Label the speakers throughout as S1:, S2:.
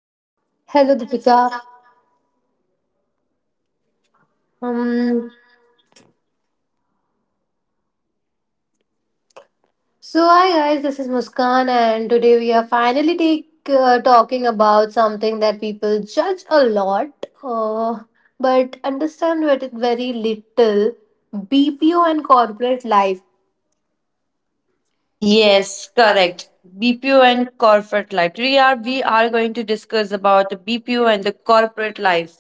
S1: Hello, Deepika. Um, hi guys, this is Muskan, and today we are finally talking about something that people judge a lot, but understand very very little: BPO and corporate life.
S2: Yes, correct. BPO and corporate life. We are going to discuss about the BPO and the corporate life.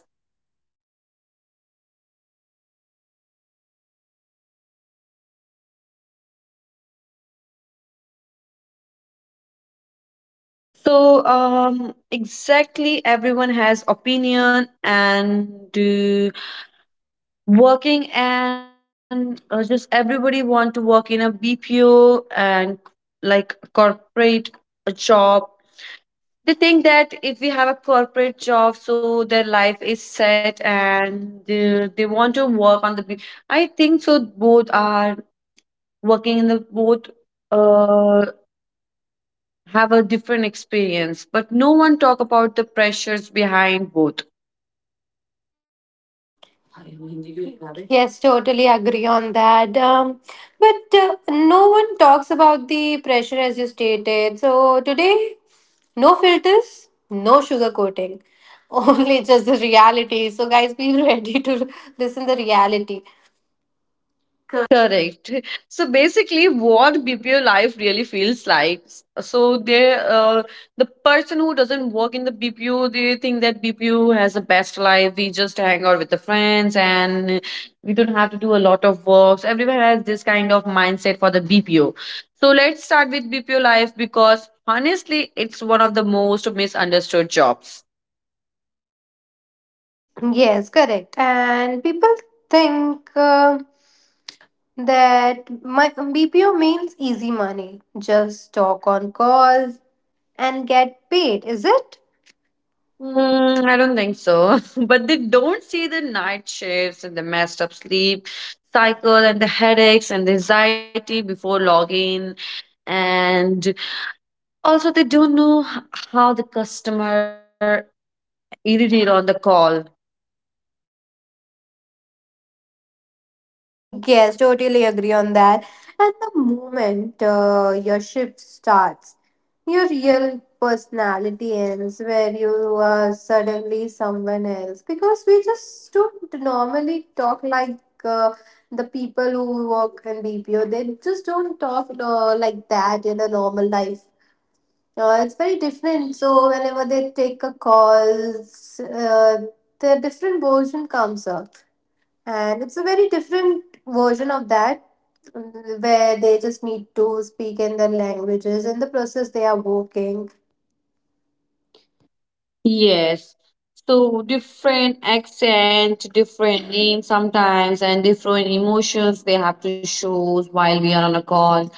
S2: Mm. Exactly, everyone has opinion and working and just everybody want to work in a BPO and like corporate job. They think that if we have a corporate job, so their life is set and they want to work on I think so. Both are working in the both uh, have a different experience, but no one talk about the pressures behind both.
S1: Yes, totally agree on that. But no one talks about the pressure as you stated. So today, no filters, no sugar coating, only just the reality. So guys, be ready to listen the reality.
S2: Correct. So basically, what BPO life really feels like. So they, uh, the person who doesn't work in the BPO, they think that BPO has the best life. We just hang out with the friends, and we don't have to do a lot of works. Everyone has this kind of mindset for the BPO. So let's start with BPO life because honestly, it's one of the most misunderstood jobs.
S1: Yes, correct. And people think that my BPO means easy money. Just talk on calls and get paid, is it?
S2: Hmm, I don't think so. But they don't see the night shifts and the messed up sleep cycle and the headaches and the anxiety before login. And also, they don't know how the customer irritated on the call.
S1: Yes, totally agree on that. And the moment your shift starts, your real personality ends where you are suddenly someone else. Because we just don't normally talk like uh, the people who work in BPO, they just don't talk like that in a normal life. It's very different. So, whenever they take a call, their different version comes up and it's a very different version of that, where they just need to speak in their languages in the process they are working.
S2: Yes. So different accent, different names sometimes, and different emotions they have to show while we are on a call.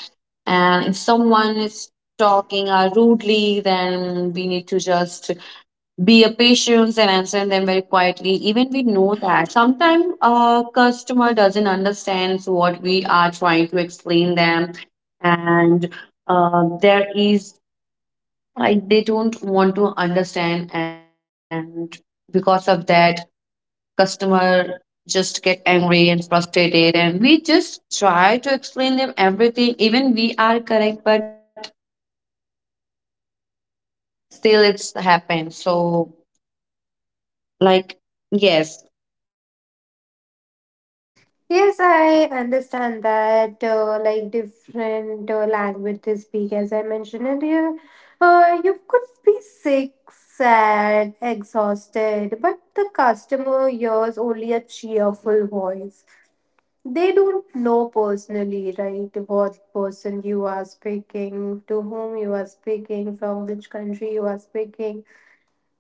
S2: And if someone is talking rudely, then we need to just be a patience and answer them very quietly even we know that sometimes a customer doesn't understand what we are trying to explain them and there is like they don't want to understand, and because of that customer just get angry and frustrated, and we just try to explain them everything even we are correct, but still it's happened so like yes.
S1: Yes, I understand that, like different language they speak, as I mentioned earlier. You could be sick, sad, exhausted, but the customer hears only a cheerful voice. They don't know personally, right, what person you are speaking, to whom you are speaking, from which country you are speaking,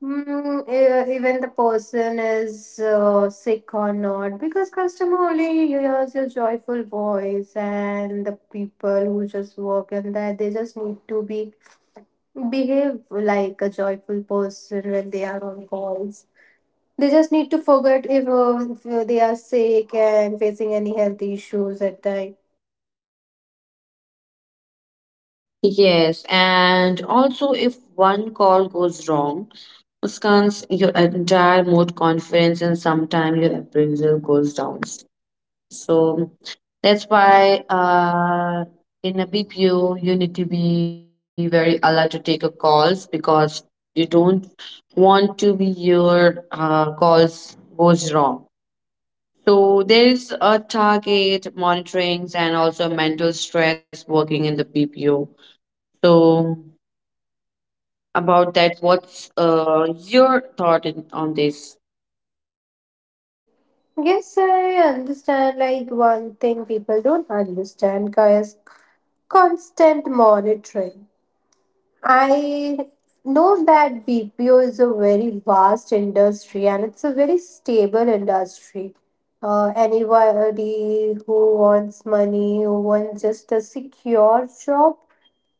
S1: even the person is sick or not, because customer only hears your joyful voice and the people who just work in there, they just need to be behave like a joyful person when they are on calls. They just need to forget if they are sick and facing any health issues at time.
S2: Yes, and also if one call goes wrong, Muskan's your entire mood confidence and sometimes your appraisal goes down. So that's why in a BPO you need to be very alert to take a calls because you don't want to be your calls goes wrong. So there is a target monitorings and also mental stress working in the BPO. So about that. What's your thought on this?
S1: Yes, I understand. Like one thing people don't understand, guys, constant monitoring. I know that BPO is a very vast industry and it's a very stable industry. Anybody who wants money, who wants just a secure job,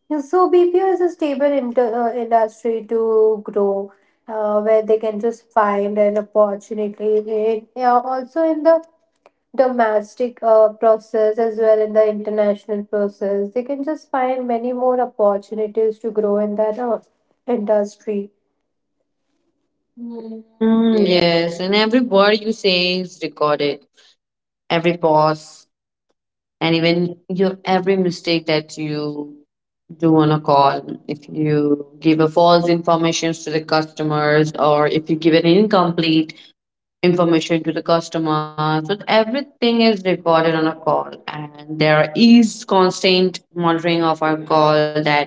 S1: yeah, so BPO is a stable industry to grow, where they can just find an opportunity. In, yeah, also in the domestic process as well in the international process, they can just find many more opportunities to grow in that industry. Mm.
S2: Hmm. Yes, and every word you say is recorded, every pause, and even your every mistake that you do on a call. If you give a false information to the customers, or if you give an incomplete information to the customer, so everything is recorded on a call, and there is constant monitoring of our call that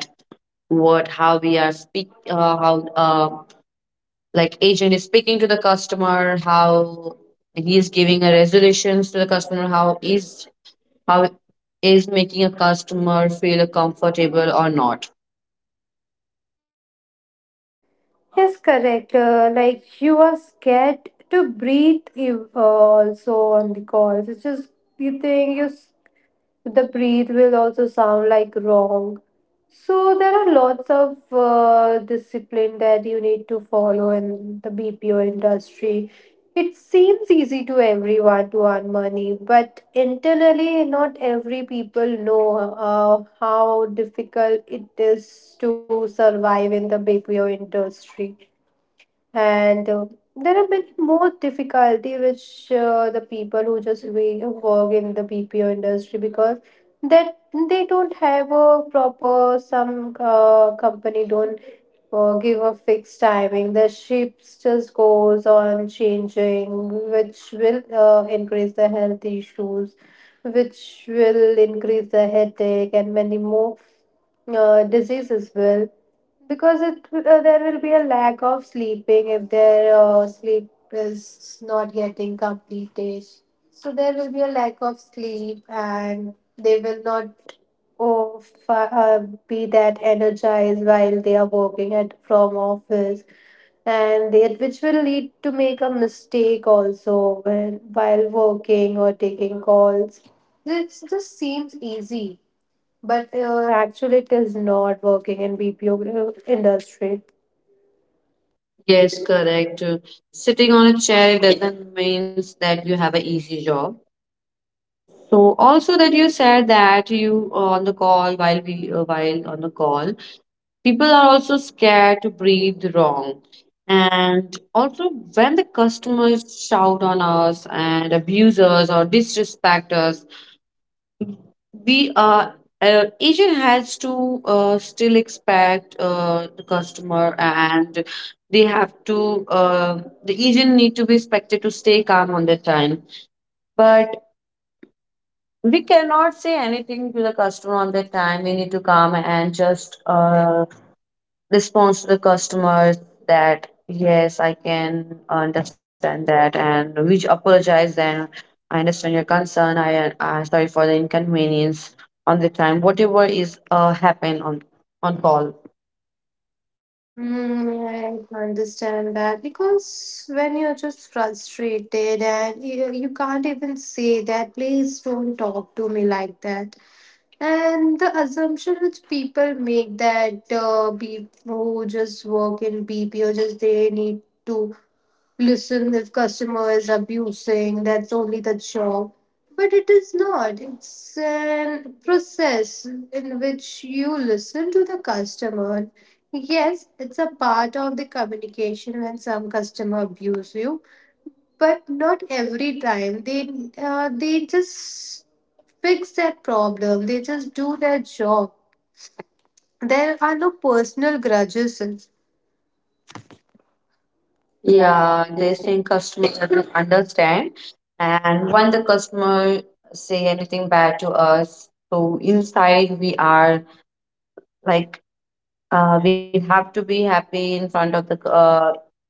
S2: what how we are speak how like agent is speaking to the customer, how he is giving a resolutions to the customer, how is making a customer feel comfortable or not.
S1: Yes, correct. Like you are scared to breathe. You also on the calls. It's just you think you the breathe will also sound like wrong. So there are lots of discipline that you need to follow in the BPO industry. It seems easy to everyone to earn money, but internally, not every people know how difficult it is to survive in the BPO industry and there are many more difficulty which the people who just we work in the BPO industry because that they don't have a proper some company don't give a fixed timing. The ships just goes on changing, which will increase the health issues, which will increase the headache and many more diseases will because there will be a lack of sleeping if their sleep is not getting completed, so there will be a lack of sleep and they will not oh, fi- uh, be that energized while they are working at from office and which will lead to make a mistake also when while working or taking calls. This just seems easy but actually, it is not working in BPO industry.
S2: Yes, correct. Sitting on a chair doesn't means that you have an easy job. So also that you said that you on the call while we while on the call people are also scared to breathe wrong. And also, when the customers shout on us and abuse us or disrespect us, we are agent has to still expect the customer, and they have to the agent need to be expected to stay calm on their time. But we cannot say anything to the customer on their time. We need to calm and just response to the customers that yes I can understand that and which apologize then I understand your concern I sorry for the inconvenience on the time whatever is happen on call.
S1: Mm, I understand that because when you're just frustrated and you can't even say that, please don't talk to me like that. And the assumption which people make that people who just work in BPO just they need to listen, if customer is abusing, that's only the job. But it is not. It's an process in which you listen to the customer. Yes, it's a part of the communication when some customer abuse you, but not every time. They just fix that problem. They just do their job. There are no personal grudges.
S2: Yeah,
S1: Yeah,
S2: they
S1: there's...
S2: think customer doesn't understand, and when the customer say anything bad to us so inside we are like we have to be happy in front of the a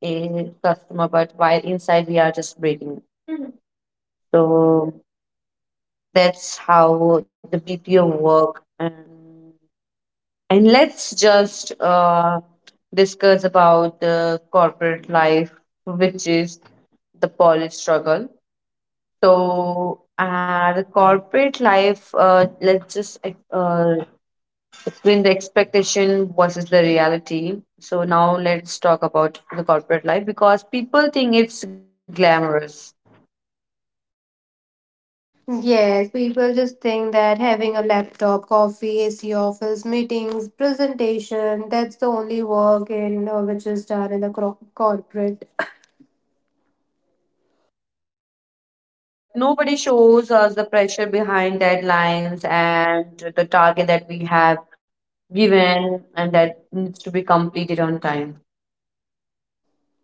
S2: customer, but while inside we are just breaking. Mhm. So that's how the BPO work. And let's just discuss about the corporate life, which is the polish struggle. So the corporate life, let's just uh, explain the expectation versus the reality. So now let's talk about the corporate life because people think it's glamorous.
S1: Yes, people just think that having a laptop, coffee, AC office, meetings, presentation, that's the only work in which is done in the corporate.
S2: Correct, but nobody shows us the pressure behind deadlines and the target that we have given and that needs to be completed on time.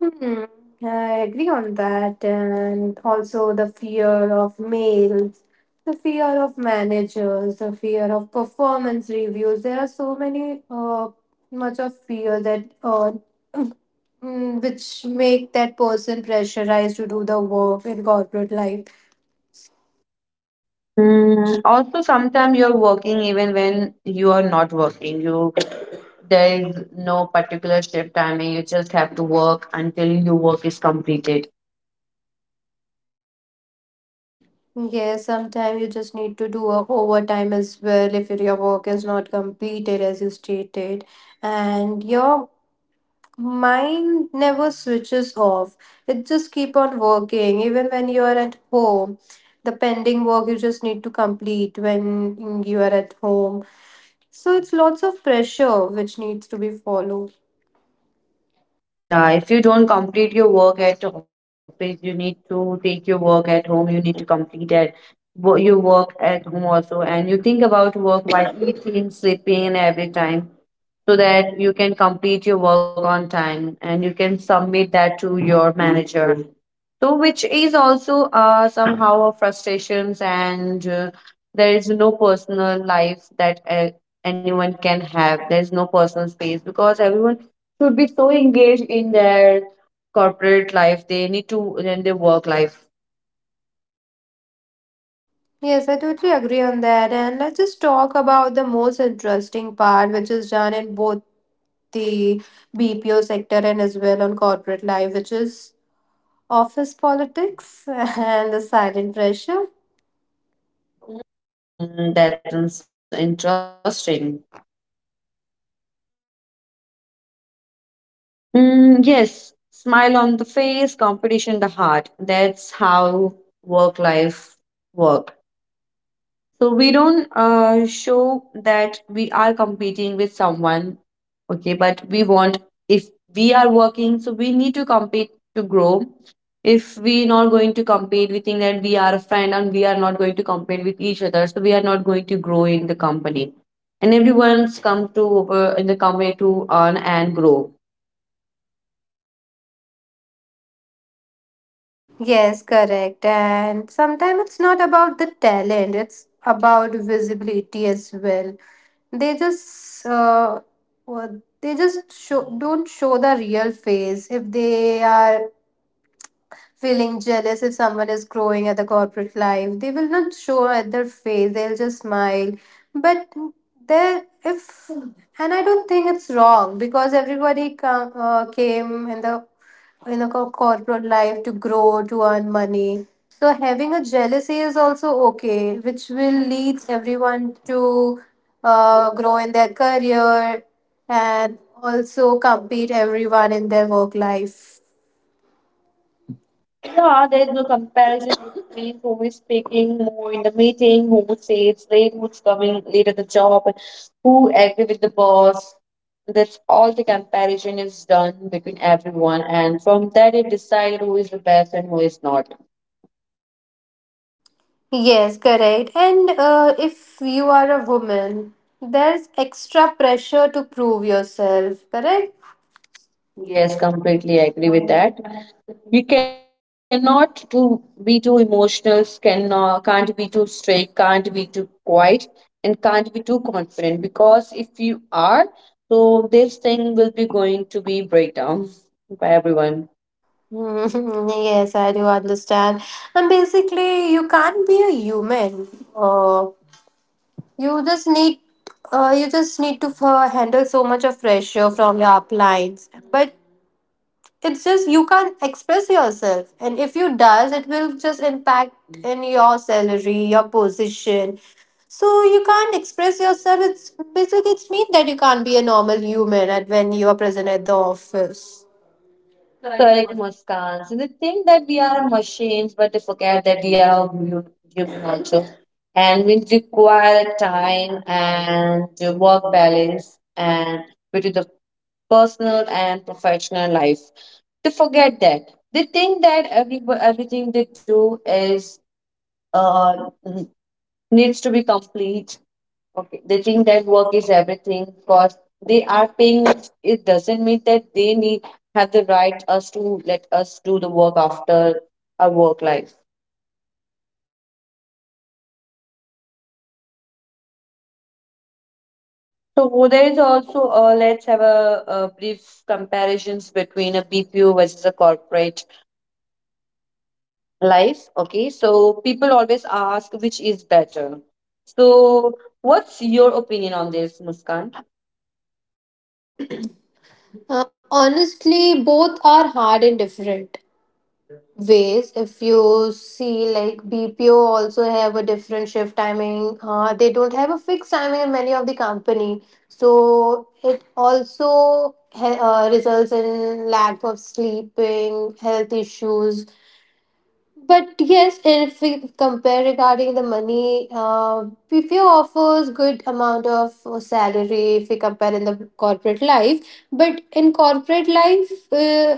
S1: Hmm, I agree on that. And also the fear of mails, the fear of managers, the fear of performance reviews. There are so many, much of fear that which make that person pressurized to do the work in corporate life.
S2: Mm, also, sometimes you're working even when you are not working. You there is no particular shift timing. You just have to work until your work is completed.
S1: Yeah, sometimes you just need to do a overtime as well if your work is not completed as you stated. And your mind never switches off. It just keep on working. Even when you are at home, the pending work you just need to complete when you are at home. So it's lots of pressure which needs to be followed.
S2: Yeah, if you don't complete your work at office, you need to take your work at home. You need to complete at your work at home also, and you think about work while eating, sleeping, and every time so that you can complete your work on time and you can submit that to your manager, so which is also somehow a frustrations, and there is no personal life that anyone can have, there is no personal space because everyone should be so engaged in their corporate life, they need to in their work life.
S1: Yes, I totally agree on that. And let's just talk about the most interesting part, which is done in both the BPO sector and as well on corporate life, which is office politics and the silent pressure.
S2: Hmm, that's interesting. Mm, yes, smile on the face, competition in the heart. That's how work life work. So we don't show that we are competing with someone, okay? But we want if we are working, so we need to compete to grow. If we not going to compete, we think that we are a friend and we are not going to compete with each other, so we are not going to grow in the company. And everyone's come to in the company to earn and grow.
S1: Yes, correct. And sometimes it's not about the talent, it's about visibility as well. They just they just show, don't show the real face if they are feeling jealous if someone is growing at the corporate life. They will not show at their face, they'll just smile. But there, if, and I don't think it's wrong because everybody came in the corporate life to grow, to earn money. So having a jealousy is also okay, which will lead everyone to grow in their career and also compete everyone in their work life.
S2: Yeah, there is no comparison between who is speaking more in the meeting, who says late, who's coming late at the job, who agree with the boss. That's all the comparison is done between everyone, and from that it decided who is the best and who is not.
S1: Yes, correct. And if you are a woman, there's extra pressure to prove yourself, correct?
S2: Yes, completely agree with that. We cannot do be too emotional, can't be too straight, can't be too quiet, and can't be too confident because if you are, so this thing will be going to be breakdown by everyone.
S1: Yes, I do understand. And basically, you can't be a human. Uh, you just need, you just need to handle so much of pressure from your uplines. But it's just you can't express yourself and if you does it will just impact in your salary your position, so you can't express yourself. It's basically it's mean that you can't be a normal human at when you are present at the office.
S2: Correct, Muskan. So they think that we are machines, but they forget that we are human also. And we require time and work balance and between the personal and professional life. To forget that. They think that everything they do is uh, n- needs to be complete. Okay, they think that work is everything because they are paying us. It doesn't mean that they need have the right us to let us do the work after our work life. So there is also let's have a brief comparisons between a BPO versus a corporate life. Okay, so people always ask which is better. So, what's your opinion on this, Muskan?
S1: Uh, honestly both are hard and different ways. If you see like BPO also have a different shift timing, they don't have a fixed timing in many of the company, so it also results in lack of sleeping health issues. But yes, if we compare regarding the money, PPO offers good amount of salary if we compare in the corporate life. But in corporate life, uh,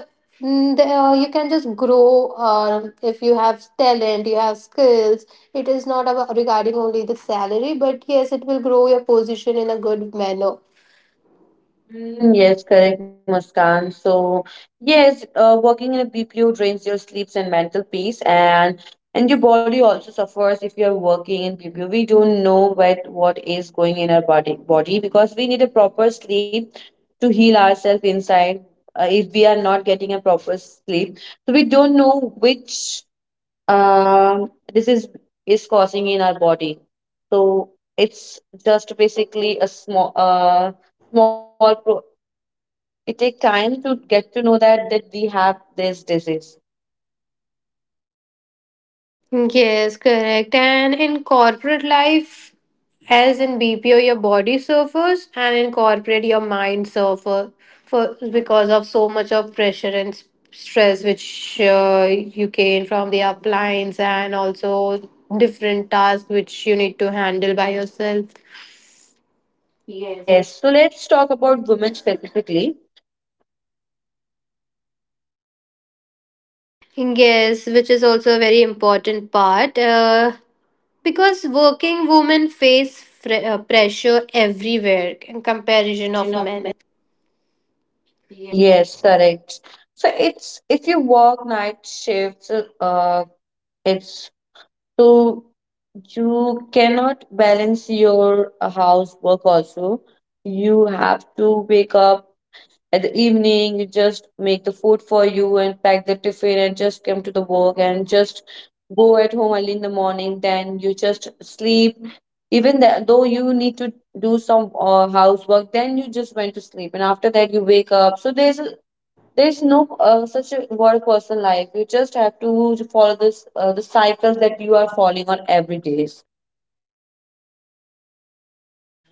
S1: mm, the- uh, you can just grow if you have talent, you have skills. It is not about regarding only the salary, but yes, it will grow your position in a good manner.
S2: Mm, yes, correct, Muskan. So, yes, working in a BPO drains your sleeps and mental peace, and your body also suffers if you are working in BPO. We don't know what is going in our body because we need a proper sleep to heal ourselves inside. If we are not getting a proper sleep, so we don't know which this is causing in our body. So it's just basically a small small pro- it take time to get to know that we have this disease.
S1: Yes, correct. And in corporate life, as in BPO, your body suffers, and in corporate, your mind suffer for because of so much of pressure and stress which you gain from the appliance and also different tasks which you need to handle by yourself.
S2: Yes. So let's talk about women specifically.
S1: Yes, which is also a very important part because working women face pressure everywhere in comparison
S2: Comparison
S1: of
S2: of men.
S1: men.
S2: Yes, correct. So it's if you work night shifts, uh, it's so you cannot balance your house work also. You have to wake up at the evening, you just make the food for you and pack the tiffin and just come to the work and just go at home early in the morning. Then you just sleep. Even though you need to do some housework, then you just went to sleep and after that you wake up. So there's no such a word personal life. You just have to follow this the cycle that you are following on every day.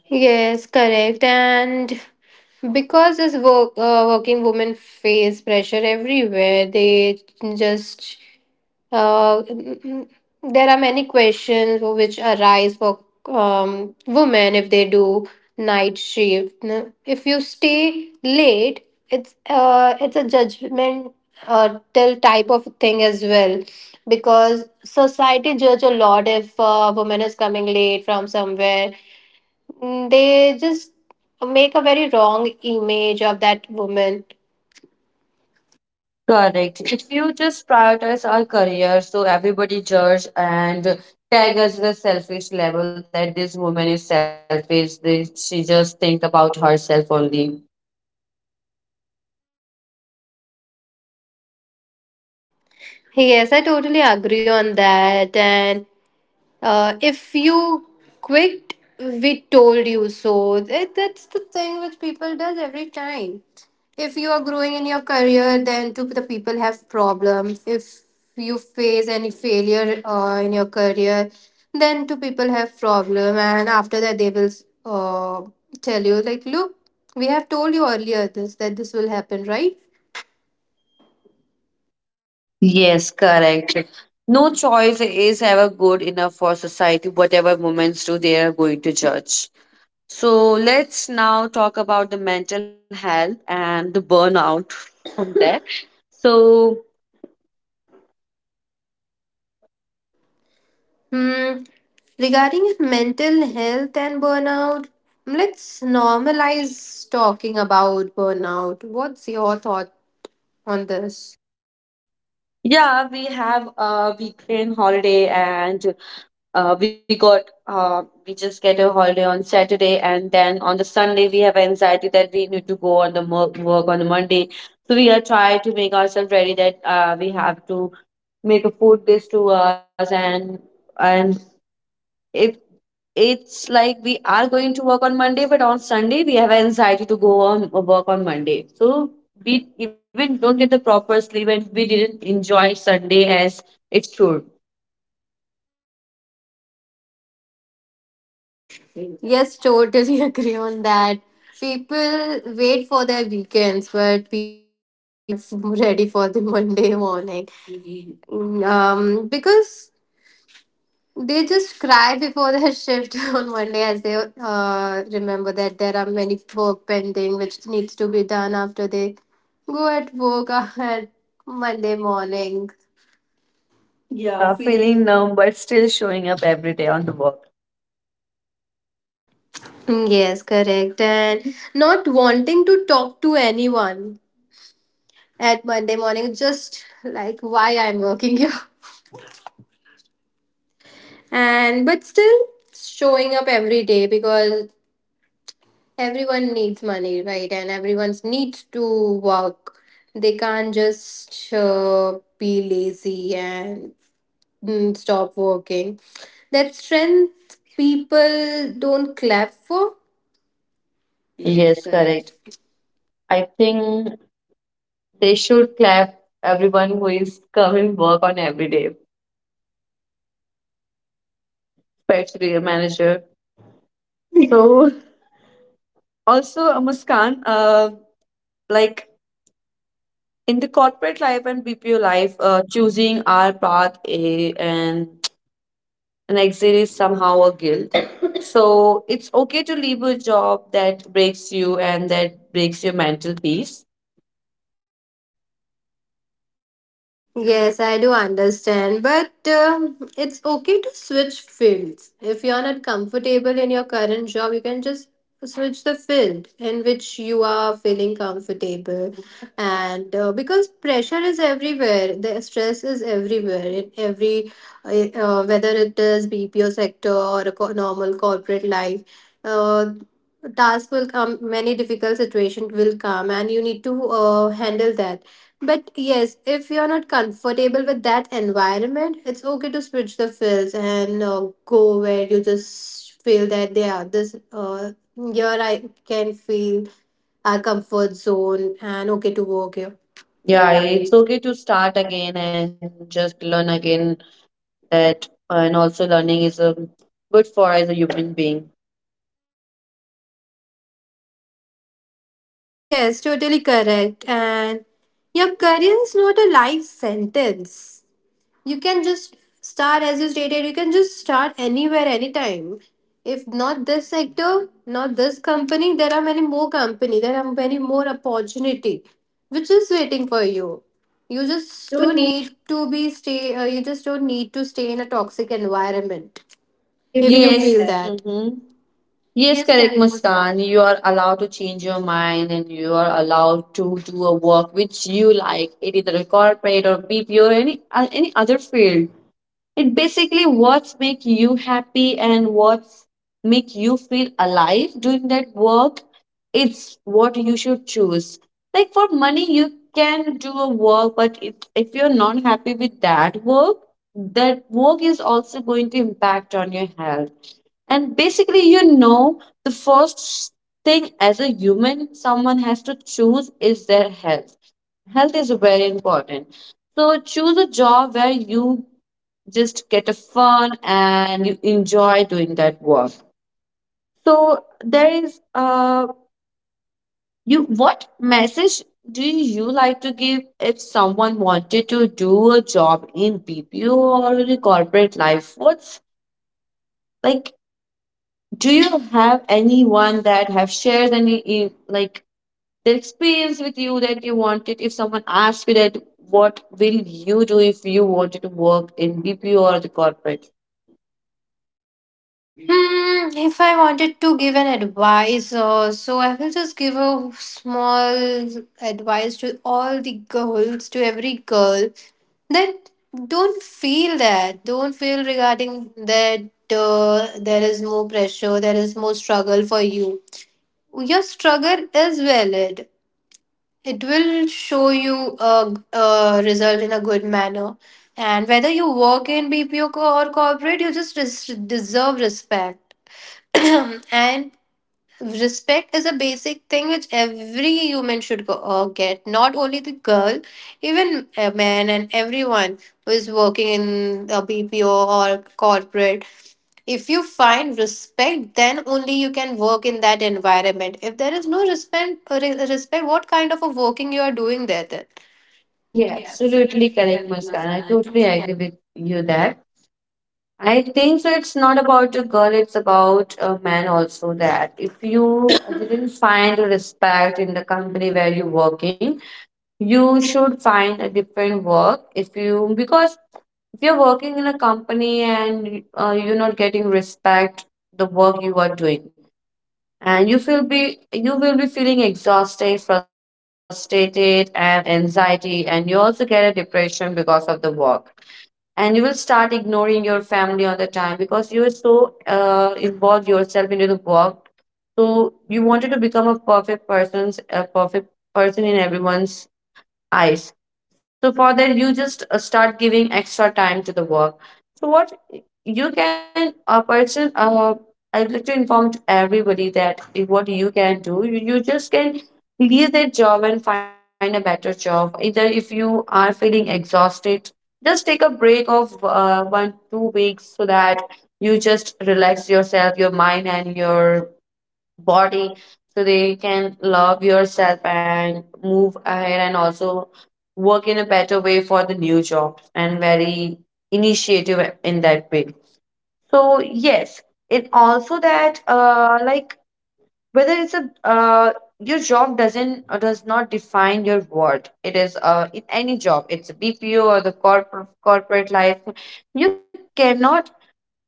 S1: Yes, correct. And because this work, working women face pressure everywhere, they just uh, there are many questions which arise for women if they do night shift. If you stay late, it's a judgment till type of thing as well because society judge a lot if a woman is coming late from somewhere. Mm, they just make a very wrong image of that woman.
S2: Correct. If you just prioritize our career, so everybody judge and tag us the selfish level that this woman is selfish. She just think about herself only.
S1: Yes, I totally agree on that. And if you quit, we told you so. That's the thing which people does every time. If you are growing in your career, then two the people have problems. If you face any failure in your career, then two people have problem, and after that they will uh, tell you like, look, we have told you earlier this that this will happen, right?
S2: Yes, correct. No choice is ever good enough for society. Whatever women do, they are going to judge. So let's now talk about the mental health and the burnout from there. So
S1: Hmm. Regarding mental health and burnout, let's normalize talking about burnout. What's your thought on this?
S2: yeah, we have a weekend holiday and we got we just get a holiday on Saturday, and then on the Sunday we have anxiety that we need to go on the work on the Monday. So we are try to make ourselves ready that we have to make a food list to us and and it it's like we are going to work on Monday, but on Sunday we have anxiety to go on work on Monday. So we even don't get the proper sleep, and we didn't enjoy Sunday as it should.
S1: Yes, totally agree on that. People wait for their weekends, but people are not ready for the Monday morning. Because they just cry before their shift on Monday as they remember that there are many work pending which needs to be done after they go at work at Monday morning.
S2: Yeah, feeling numb but still showing up every day on the work.
S1: Yes, correct. And not wanting to talk to anyone at Monday morning, just like why I'm working here. And but still showing up every day because everyone needs money, right? And everyone needs to work. They can't just be lazy and stop working. That strength people don't clap for.
S2: Yes, correct. I think they should clap everyone who is coming work on every day, especially a manager. So also Muskan, like in the corporate life and BPO life, choosing our path A and an exit is somehow a guilt. So it's okay to leave a job that breaks you and that breaks your mental peace.
S1: Yes, I do understand, but it's okay to switch fields. If you're not comfortable in your current job, you can just switch the field in which you are feeling comfortable. And because pressure is everywhere, the stress is everywhere in every, whether it is BPO sector or a normal corporate life. Uh, Task will come, many difficult situations will come, and you need to handle that. But yes, if you're not comfortable with that environment, it's okay to switch the fields and go where you just feel that they are this. Here I can feel our comfort zone and okay to work here.
S2: Yeah, it's okay to start again and just learn again that, and also learning is a good for as a human being.
S1: Yes, totally correct. And your career is not a life sentence. You can just start, as you stated, you can just start anywhere, anytime. If not this sector, not this company, there are many more company, there are many more opportunity which is waiting for you. You just don't need to be stay you just don't need to stay in a toxic environment if you, yes,
S2: Yes.
S1: feel that.
S2: Mm-hmm. Yes, correct, Muskan. You are allowed to change your mind, and you are allowed to do a work which you like, it either corporate or BPO or any other field. It basically what's make you happy and what's make you feel alive doing that work. It's what you should choose. Like for money, you can do a work, but if you're not happy with that work is also going to impact on your health. And basically, you know, the first thing as a human someone has to choose is their health. Health is very important. So choose a job where you just get a fun and you enjoy doing that work. So there is you what message do you like to give if someone wanted to do a job in BPO or in a corporate life? What's like do you have anyone that have shared like the experience with you that you wanted. If someone asks you that, what will you do if you wanted to work in BPO or the corporate?
S1: Hmm, if I wanted to give an advice, so I will just give a small advice to all the girls, to every girl, that don't feel regarding that there is more pressure, there is more struggle for you. Your struggle is valid. It will show you a result in a good manner. And whether you work in bpo or corporate, you just deserve respect. And respect is a basic thing which every human should get, not only the girl, even a man and everyone who is working in a bpo or corporate. If you find respect, then only you can work in that environment. If there is no respect, respect, what kind of a working you are doing there then.
S2: Yeah, absolutely correct, Muskan. I totally agree with you that I think so. It's not about a girl; it's about a man also. That if you didn't find respect in the company where you're working, you should find a different work. If you because if you're working in a company and you're not getting respect the work you are doing, and you will be feeling exhausted, frustrated, and anxiety, and you also get a depression because of the work. And you will start ignoring your family all the time because you are so involved yourself into the work. So you wanted to become a perfect person's a perfect person in everyone's eyes. So for that, you just start giving extra time to the work. So what you can a person I would like to inform to everybody that if what you can do, you just can leave that job and find a better job. Either if you are feeling exhausted, just take a break of 1 2 weeks so that you just relax yourself, your mind and your body, so they can love yourself and move ahead, and also work in a better way for the new job and very initiative in that way. So yes, it also that like whether it's a your job doesn't or does not define your worth. It is in any job, it's a BPO or the corporate life, you cannot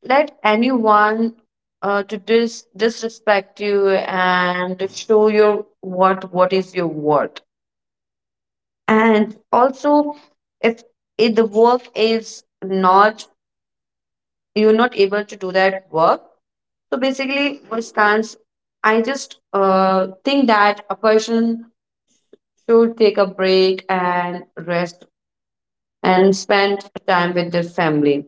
S2: let anyone disrespect you and to show your what is your worth. And also, if, if the work is not you're not able to do that work, so basically what stands I just think that a person should take a break and rest and spend time with their family.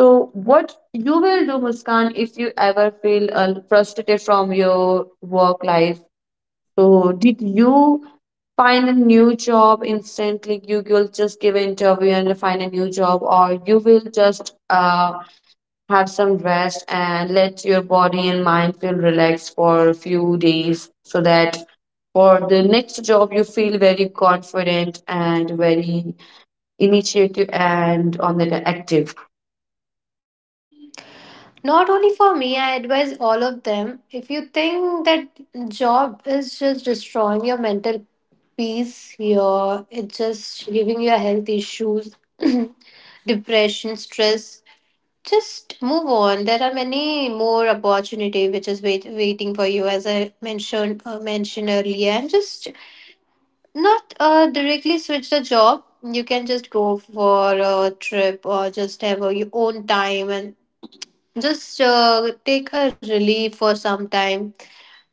S2: So, what you will do, Muskan, if you ever feel frustrated from your work life? So, did you find a new job instantly? You will just give an interview and find a new job, or you will just have some rest and let your body and mind feel relaxed for a few days, so that for the next job you feel very confident and very initiative and on the active.
S1: Not only for me, I advise all of them. If you think that job is just destroying your mental peace, your, it's just giving you health issues, depression, stress, just move on. There are many more opportunity which is waiting for you, as I mentioned earlier. And just not directly switch the job. You can just go for a trip or just have your own time and just take a relief for some time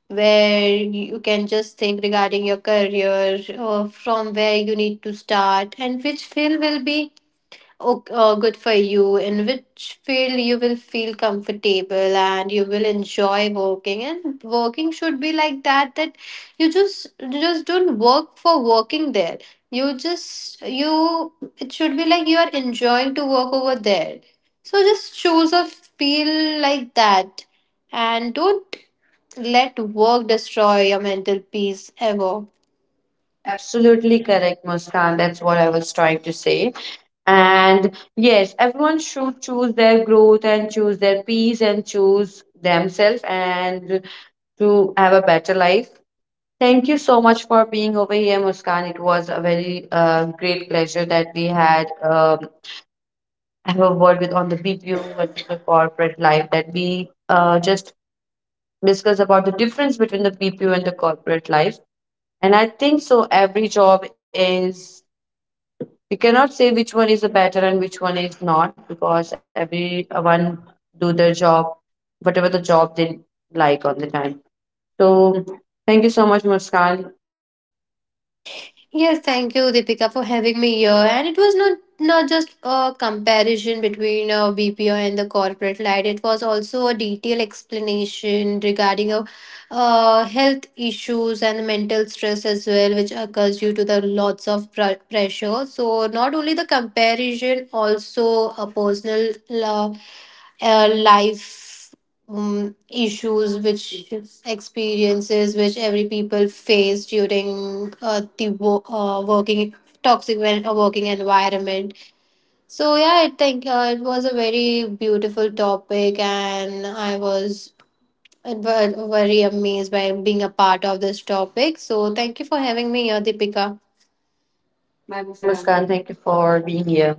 S1: where you can just think regarding your career, from where you need to start, and which field will be okay, good for you. In which field you will feel comfortable and you will enjoy working. And working should be like that. That you just don't work for working there. You just you. It should be like you are enjoying to work over there. So just choose a field like that, and don't let work destroy your mental peace ever.
S2: Absolutely correct, Muskan. That's what I was trying to say. And yes, everyone should choose their growth and choose their peace and choose themselves and to have a better life. Thank you so much for being over here, Muskan. It was a very great pleasure that we had have a word with on the BPO versus the corporate life, that we just discuss about the difference between the BPO and the corporate life. And I think so every job is we cannot say which one is the better and which one is not, because everyone do their job whatever the job they like on the time. So thank you so much, Muskan.
S1: Yes, thank you, Deepika, for having me here. And it was not just a comparison between BPO and the corporate life. It was also a detailed explanation regarding health issues and mental stress as well, which occurs due to the lots of pressure. So not only the comparison, also a personal uh, life issues which experiences which every people face during the working toxic working environment. So yeah, I think it was a very beautiful topic and I was very amazed by being a part of this topic. So thank you for having me here, Deepika.
S2: Bye, Muskan, thank you for being here.